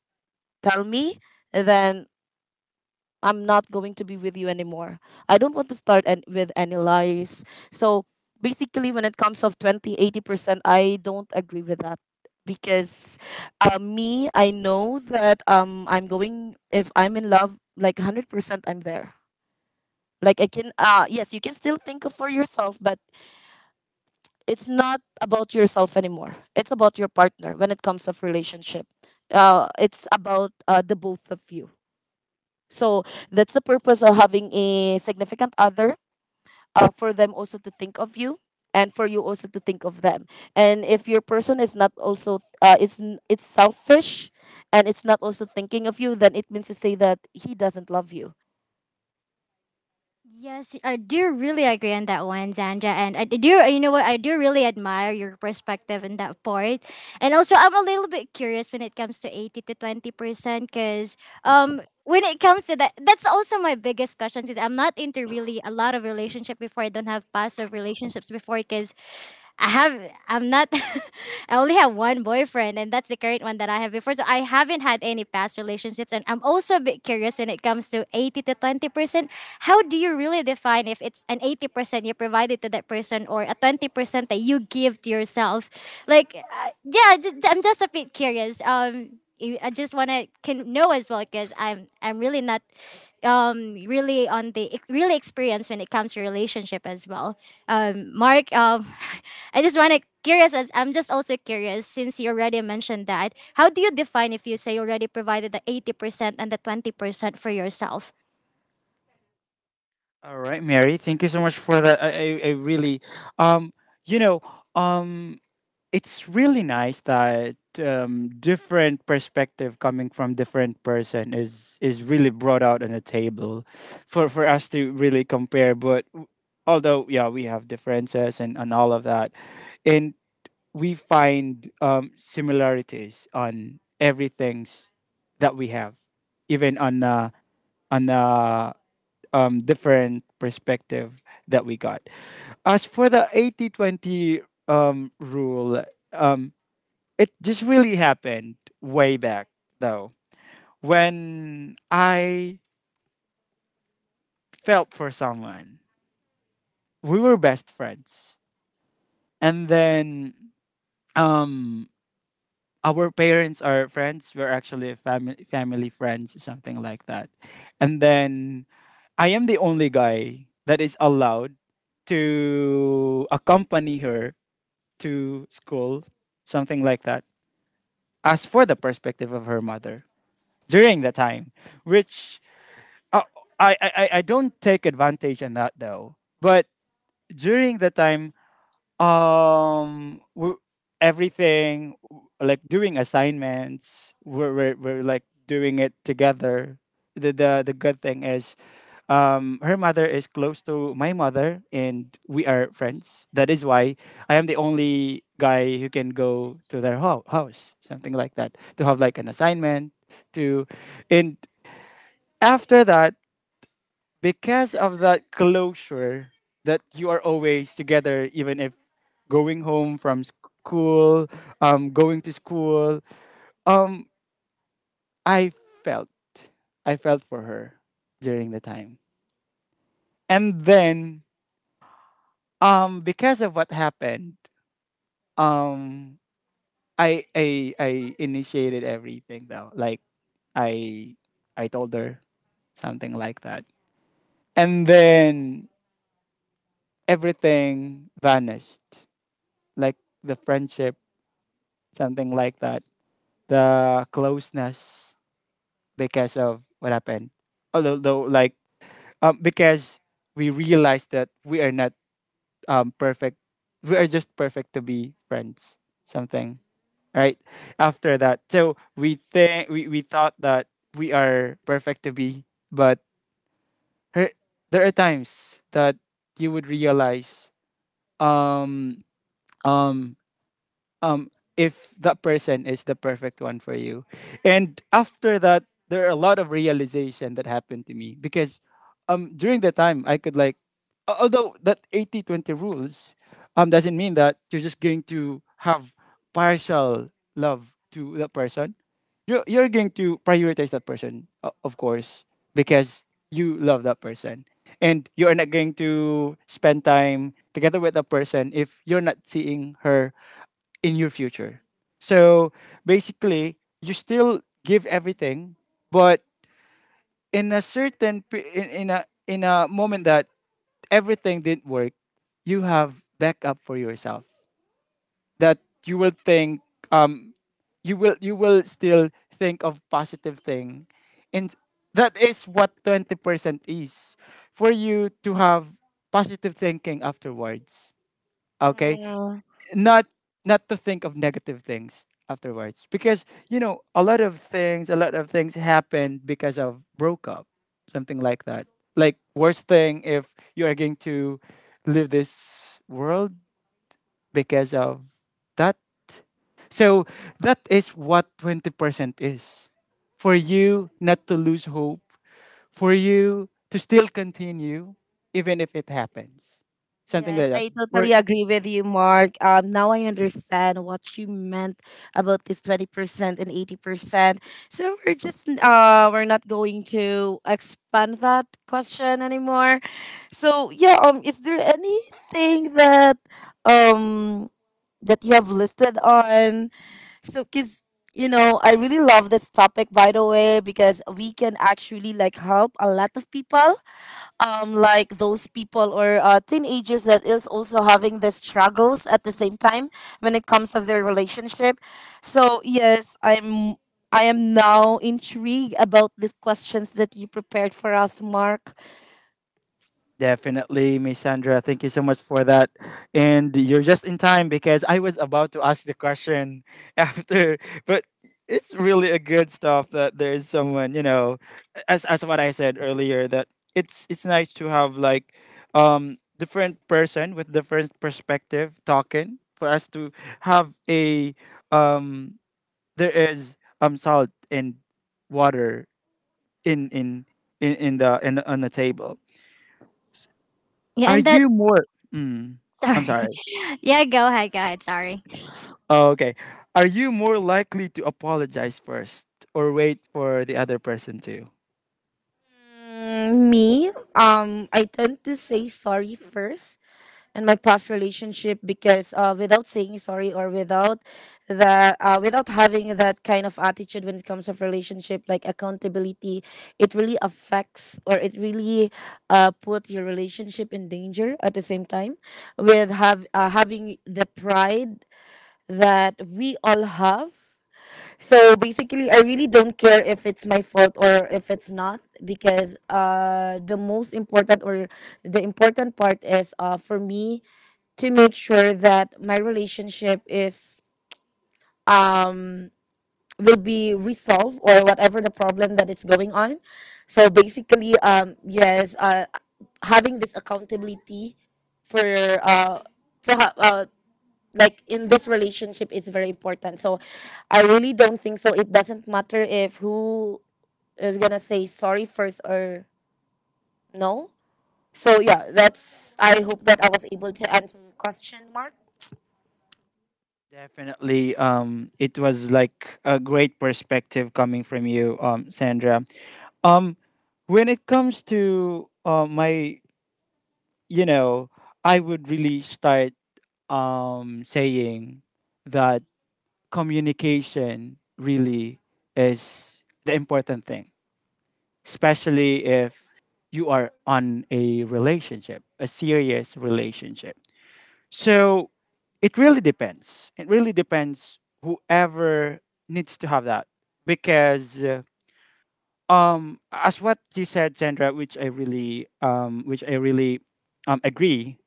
Speaker 3: tell me, then I'm not going to be with you anymore. I don't want to start and with any lies. So basically when it comes of 20-80%, I don't agree with that. Because me, I know that I'm going, if I'm in love like 100%, I'm there. Like I can yes, you can still think of for yourself, but it's not about yourself anymore. It's about your partner when it comes of relationship. It's about the both of you. So that's the purpose of having a significant other, for them also to think of you, and for you also to think of them. And if your person is not also it's selfish and it's not also thinking of you, then it means to say that he doesn't love you.
Speaker 2: Yes, I do really agree on that one, Zandra. And I do, you know what? I do really admire your perspective in that part. And also, I'm a little bit curious when it comes to 80 to 20%, because when it comes to that, that's also my biggest question, since I'm not into really a lot of relationship before. I don't have past of relationships before because I have I'm not I only have one boyfriend, and that's the current one that I have before. So I haven't had any past relationships, and I'm also a bit curious when it comes to 80 to 20%. How do you really define if it's an 80% you provided to that person or a 20% that you give to yourself? Like yeah, I'm just a bit curious. I just want to can know as well because I'm really not really really experienced when it comes to relationship as well. Mark, I'm just also curious since you already mentioned that. How do you define if you say you already provided the 80% and the 20% for yourself?
Speaker 1: all right, Mary, thank you so much for that. I really um, you know, um, it's really nice that um different perspective coming from different person is really brought out on the table for us to really compare. But although yeah, we have differences and all of that, and we find um similarities on everything's that we have, even on on uh, um different perspective that we got. As for the 80-20 um rule, um, it just really happened way back though, when I felt for someone. We were best friends. And then um, our parents are friends. We're actually family friends, something like that. And then I am the only guy that is allowed to accompany her to school, something like that. As for the perspective of her mother during the time, which, uh, I don't take advantage in that though. But during the time, we, everything like doing assignments, we're like doing it together. The good thing is, her mother is close to my mother, and we are friends. That is why I am the only guy who can go to their house, something like that, to have like an assignment to, and after that, because of that closure, that you are always together, even if going home from school, um, going to school. Um, I felt, I felt for her during the time. And then because of what happened, um, I initiated everything though, like, i I told her, something like that. And then everything vanished, like the friendship, something like that. The closeness, because of what happened. Although, though, like, because we realized that we are not perfect. We are just perfect to be friends. Something right after that. So we think we thought that we are perfect to be, but her, there are times that you would realize um um um if that person is the perfect one for you. And after that, there are a lot of realization that happened to me because during the time I could like, although that 80-20 rules um doesn't mean that you're just going to have partial love to that person. You're going to prioritize that person, of course, because you love that person. And you are not going to spend time together with that person if you're not seeing her in your future. So basically, you still give everything, but in a certain in a moment that everything didn't work, you have backup for yourself, that you will think um, you will still think of positive thing. And that is what 20% is, for you to have positive thinking afterwards. Okay, not to think of negative things afterwards, because you know, a lot of things happened because of broke up, something like that, like worst thing if you are going to leave this world because of that. So that is what 20% is, for you not to lose hope, for you to still continue, even if it happens, something like
Speaker 3: Yes,
Speaker 1: that
Speaker 3: I
Speaker 1: for.
Speaker 3: totally agree with you, Mark. Now I understand what you meant about this 20% and 80%. So we're just we're not going to expand that question anymore. So yeah, is there anything that um that you have listed on? So, cause you know, I really love this topic by the way, because we can actually like help a lot of people, like those people or teenagers that is also having the struggles at the same time when it comes of their relationship. So yes, I am now intrigued about these questions that you prepared for us, Mark.
Speaker 1: Definitely, Miss Sandra. Thank you so much for that. And you're just in time because I was about to ask the question after, but it's really a good stuff that there is someone, you know, as what I said earlier, that it's nice to have like different person with different perspective talking for us to have a um, there is salt and water in in in the in on the table.
Speaker 2: Yeah,
Speaker 1: Are
Speaker 2: and that,
Speaker 1: you more? Mm, I'm
Speaker 2: sorry.
Speaker 1: sorry.
Speaker 2: Yeah, go ahead, go ahead. Sorry.
Speaker 1: Oh, okay. Are you more likely to apologize first, or wait for the other person to?
Speaker 3: Mm, me, I tend to say sorry first and my past relationship, because without saying sorry, or without the without having that kind of attitude when it comes of relationship, like accountability, it really affects, or it really put your relationship in danger at the same time with have having the pride that we all have. So basically, I really don't care if it's my fault or if it's not, because the most important, or the important part is for me to make sure that my relationship is um will be resolved, or whatever the problem that it's going on. So basically, yes, having this accountability for uh to have like in this relationship is very important. So I really don't think so, it doesn't matter if who is gonna say sorry first or no. So yeah, that's, I hope that I was able to answer your question, Mark.
Speaker 1: Definitely. It was like a great perspective coming from you, Sandra. Um, when it comes to my, you know, I would really start saying that communication really is the important thing, especially if you are on a relationship, a serious relationship. So it really depends. It really depends whoever needs to have that, because um, as what you said, Sandra, which I really um, agree,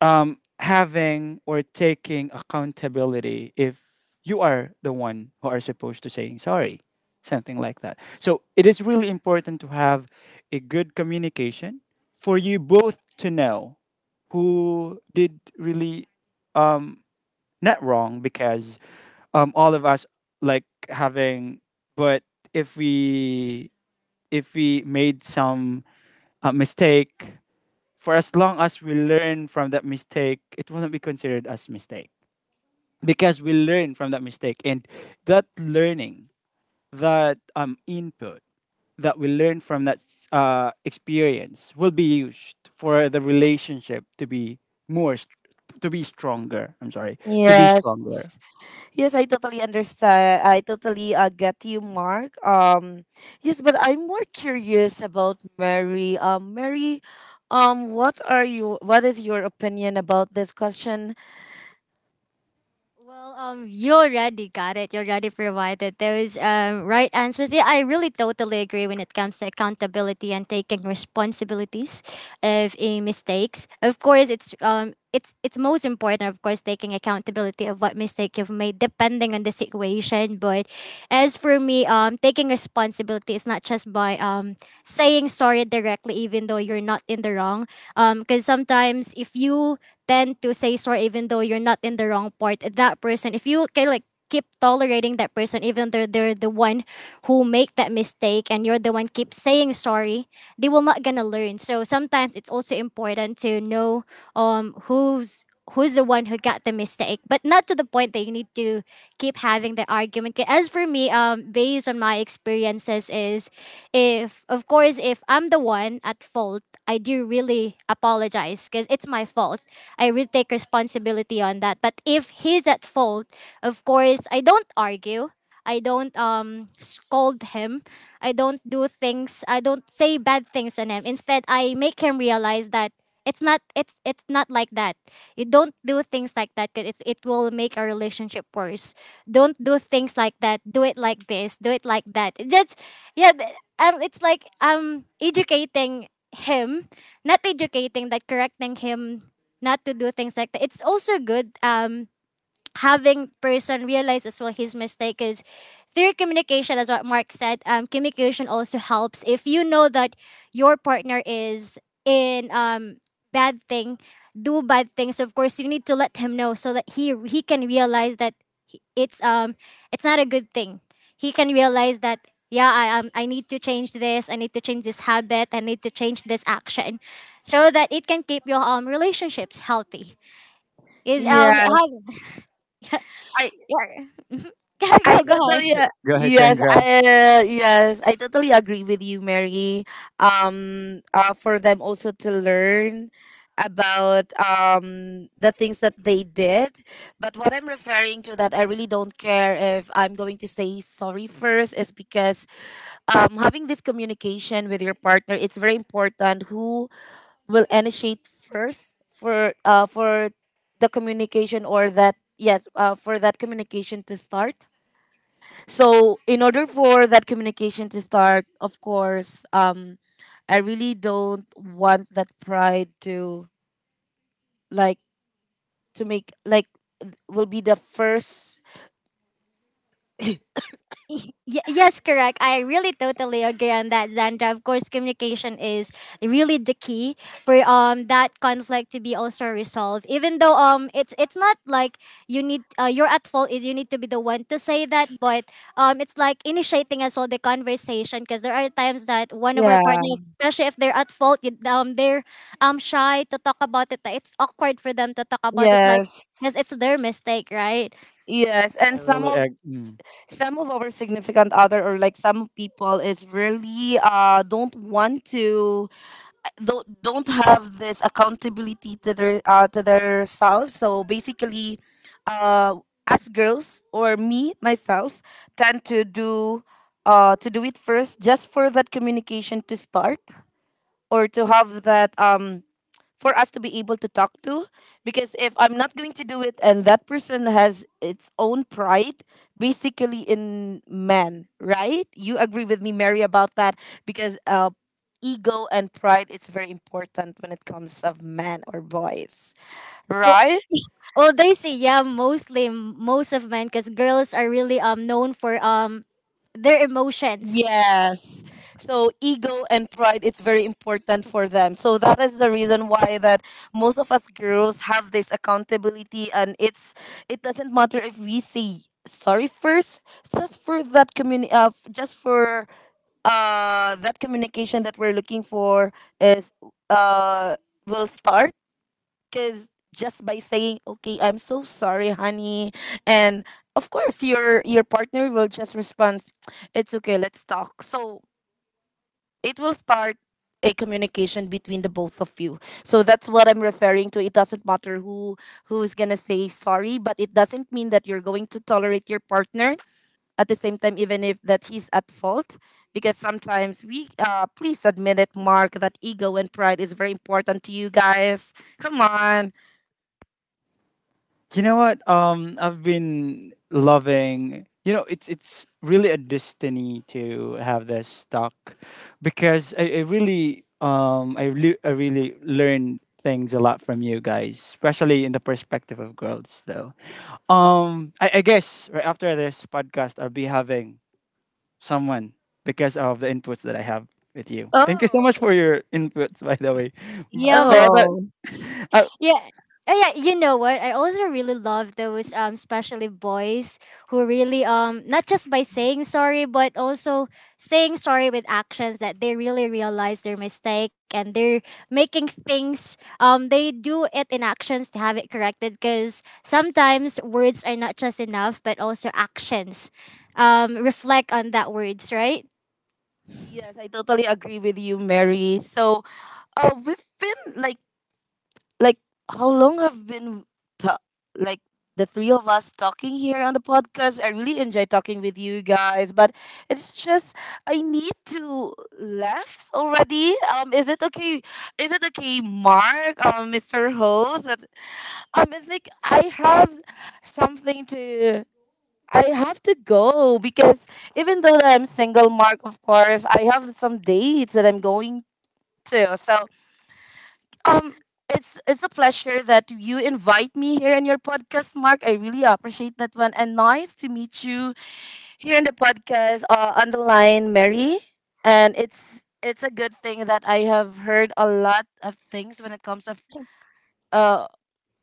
Speaker 1: having or taking accountability if you are the one who are supposed to saying sorry, something like that. So it is really important to have a good communication for you both to know who did really um not wrong, because um, all of us like having, but if we if we made some uh mistake, for as long as we learn from that mistake, it will not be considered as mistake, because we learn from that mistake, and that learning, that input that we learn from that uh experience will be used for the relationship to be more st- to be stronger. I'm sorry, to be
Speaker 3: Yes.
Speaker 1: stronger.
Speaker 3: Yes, I totally understand. I totally get you, Mark. Yes, but I'm more curious about Mary. Mary, what are you? What is your opinion about this question?
Speaker 2: Well, you already got it. You already provided those right answers. Yeah, I really totally agree when it comes to accountability and taking responsibilities of a mistakes. Of course, it's most important, of course, taking accountability of what mistake you've made, depending on the situation. But as for me, taking responsibility is not just by saying sorry directly, even though you're not in the wrong. Because sometimes if you tend to say sorry even though you're not in the wrong part that person, if you can like keep tolerating that person even though they're the one who make that mistake and you're the one keep saying sorry, they will not gonna learn. So sometimes it's also important to know um who's who's the one who got the mistake, but not to the point that you need to keep having the argument. 'Kay, as for me, based on my experiences is, if of course if I'm the one at fault, I do really apologize because it's my fault. I really take responsibility on that, but if he's at fault, of course I don't argue. I don't scold him. I don't do things. I don't say bad things on him. Instead, I make him realize that it's not like that. You don't do things like that because it will make our relationship worse. Don't do things like that. Do it like this. Do it like that. It just yeah. It's like educating him, not educating, like correcting him not to do things like that. It's also good, having person realize as well his mistake is through communication, as what Mark said. Communication also helps if you know that your partner is in bad thing, do bad things, of course you need to let him know so that he can realize that he- it's um it's not a good thing. He can realize that. Yeah, I need to change this. I need to change this habit. I need to change this action so that it can keep your relationships healthy. Is it
Speaker 3: Yes,
Speaker 2: has-
Speaker 3: I
Speaker 2: yeah.
Speaker 3: I
Speaker 2: go
Speaker 1: Go
Speaker 2: go
Speaker 1: ahead,
Speaker 2: ahead.
Speaker 3: totally uh,
Speaker 1: Go ahead, Sandra.
Speaker 3: yes, I totally agree with you, Mary. For them also to learn about the things that they did. But what I'm referring to that I really don't care if I'm going to say sorry first is because having this communication with your partner, it's very important who will initiate first for the communication, or that yes, for that communication to start. So in order for that communication to start, of course, I really don't want that pride to like to make like will be the first.
Speaker 2: Yes, correct. I really totally agree on that, Zandra. Of course, communication is really the key for that conflict to be also resolved. Even though it's not like you need you're at fault, is you need to be the one to say that, but it's like initiating as well the conversation, because there are times that one of our
Speaker 3: yeah
Speaker 2: partners, especially if they're at fault, they're shy to talk about it. It's awkward for them to talk about it, like
Speaker 3: yes
Speaker 2: because it's their mistake, right?
Speaker 3: yes and
Speaker 1: Mm.
Speaker 3: some of our significant other, or like some people is really don't want to don't have this accountability to their self. So basically, uh, as girls or me myself tend to do it first, just for that communication to start, or to have that for us to be able to talk to. Because if I'm not going to do it, and that person has its own pride, basically in men, right? You agree with me, Mary, about that? Because ego and pride is very important when it comes of men or boys, right?
Speaker 2: Well, they say yeah, mostly most of men, because girls are really known for their emotions.
Speaker 3: Yes. So ego and pride, it's very important for them. So that is the reason why that most of us girls have this accountability, and it's, it doesn't matter if we say sorry first, just for that just for that communication that we're looking for is uh will start. Because just by saying okay, I'm so sorry honey, and of course your partner will just respond, it's okay, let's talk. So it will start a communication between the both of you. So that's what I'm referring to. It doesn't matter who who's gonna say sorry, but it doesn't mean that you're going to tolerate your partner at the same time, even if that he's at fault. Because sometimes we, please admit it, Mark, that ego and pride is very important to you guys, come on.
Speaker 1: You know what? I've been loving. You know, it's really a destiny to have this talk, because I really um, I really learned things a lot from you guys, especially in the perspective of girls. Though, I guess right after this podcast, I'll be having someone, because of the inputs that I have with you. Thank you so
Speaker 3: Oh,
Speaker 1: much for your inputs, by the way.
Speaker 2: Yeah,
Speaker 1: But, but,
Speaker 2: but
Speaker 1: but,
Speaker 3: oh.
Speaker 1: uh,
Speaker 2: yeah. Oh yeah, you know what? I also really love those especially boys who really not just by saying sorry but also saying sorry with actions, that they really realize their mistake and they're making things, they do it in actions to have it corrected, because sometimes words are not just enough but also actions reflect on that words, right?
Speaker 3: Yes, I totally agree with you, Mary. So, we've been like, how long have been, ta- like, the three of us talking here on the podcast? I really enjoy talking with you guys, but it's just I need to laugh already. Is it okay? Is it okay, Mark? Mr. Host? It's like I have something to, I have to go, because even though that I'm single, Mark, of course, I have some dates that I'm going to. So, um, it's a pleasure that you invite me here in your podcast, Mark. I really appreciate that one, and nice to meet you here in the podcast. On the line, Mary, and it's a good thing that I have heard a lot of things when it comes of uh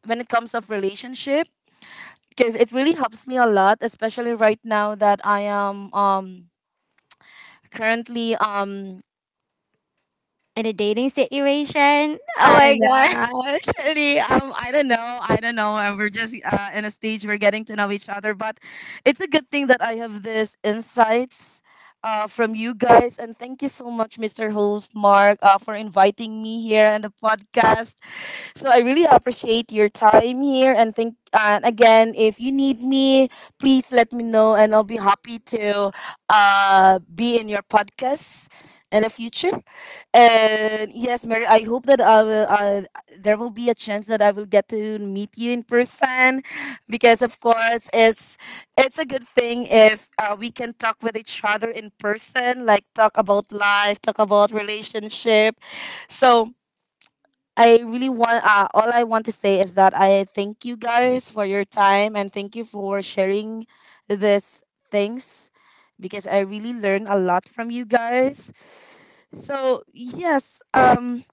Speaker 3: when it comes of relationship, because it really helps me a lot, especially right now that I am currently
Speaker 2: In a dating situation. Oh my
Speaker 3: and
Speaker 2: god.
Speaker 3: actually I don't know, I don't know, we're just in a stage we're getting to know each other, but it's a good thing that I have this insights from you guys. And thank you so much, Mr. Host Mark, for inviting me here on the podcast. So I really appreciate your time here, and think, and again, if you need me, please let me know, and I'll be happy to be in your podcast in the future. And yes, Mary, I hope that I will there will be a chance that I will get to meet you in person, because of course it's a good thing if we can talk with each other in person, like talk about life, talk about relationship. So I really want, all I want to say is that I thank you guys for your time, and thank you for sharing this things, because I really learned a lot from you guys. So yes,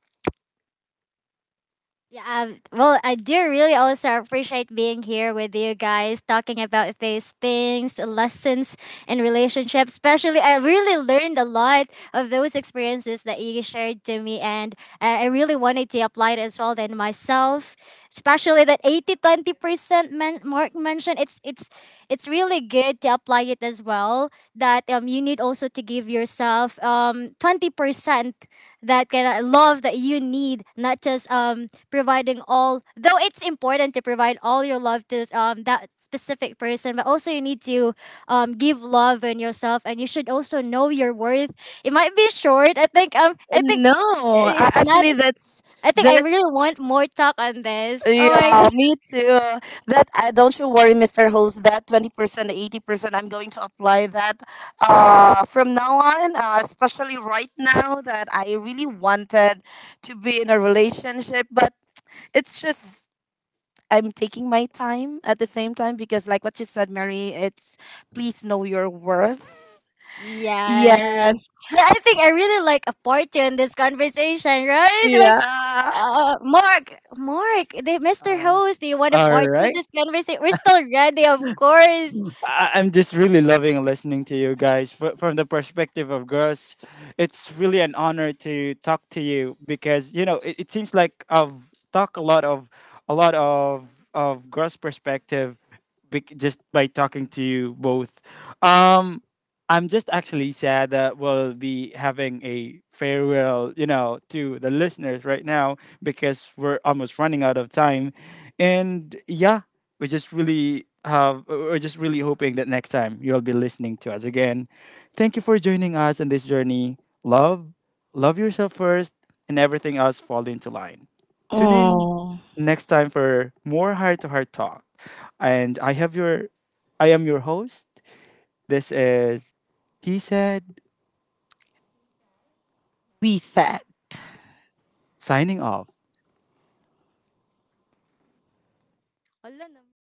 Speaker 2: Yeah, well, I do really also appreciate being here with you guys, talking about these things, lessons in relationships. Especially, I really learned a lot of those experiences that you shared to me, and I really wanted to apply it as well in myself. Especially that 80/20% Mark mentioned, it's really good to apply it as well. That you need also to give yourself 20%, that kind of love that you need, not just providing all, though it's important to provide all your love to that specific person, but also you need to give love in yourself, and you should also know your worth. It might be short, I think. I think
Speaker 3: no, I,
Speaker 2: it's not.
Speaker 3: actually that's
Speaker 2: I think I
Speaker 3: that.
Speaker 2: really want more talk on this. Oh my
Speaker 3: Yeah,
Speaker 2: god.
Speaker 3: me too. That don't you worry, Mr. Host. That 20%, 80%, I'm going to apply that from now on. Especially right now that I really wanted to be in a relationship, but it's just I'm taking my time at the same time, because like what you said, Mary, it's please know your worth.
Speaker 2: Yes,
Speaker 3: Yes.
Speaker 2: but I think I really like a part two in this conversation, right? But,
Speaker 3: Yeah.
Speaker 2: Mark, the Mr.
Speaker 1: uh,
Speaker 2: Host, do you want a
Speaker 1: all
Speaker 2: part two of
Speaker 1: right.
Speaker 2: this conversation? We're still ready, of course.
Speaker 1: I'm just really loving listening to you guys, from the perspective of girls. It's really an honor to talk to you, because you know it seems like I've talked a lot of, girls' perspective, just by talking to you both. Um, I'm just actually sad that we'll be having a farewell, you know, to the listeners right now, because we're almost running out of time. And yeah, we're just really hoping that next time you'll be listening to us again. Thank you for joining us on this journey. Love, love yourself first and everything else fall into line. Tune in
Speaker 3: Oh,
Speaker 1: next time for more heart to heart talk. And I am your host. This is He Said,
Speaker 3: we said.
Speaker 1: signing off.
Speaker 2: Wala naman.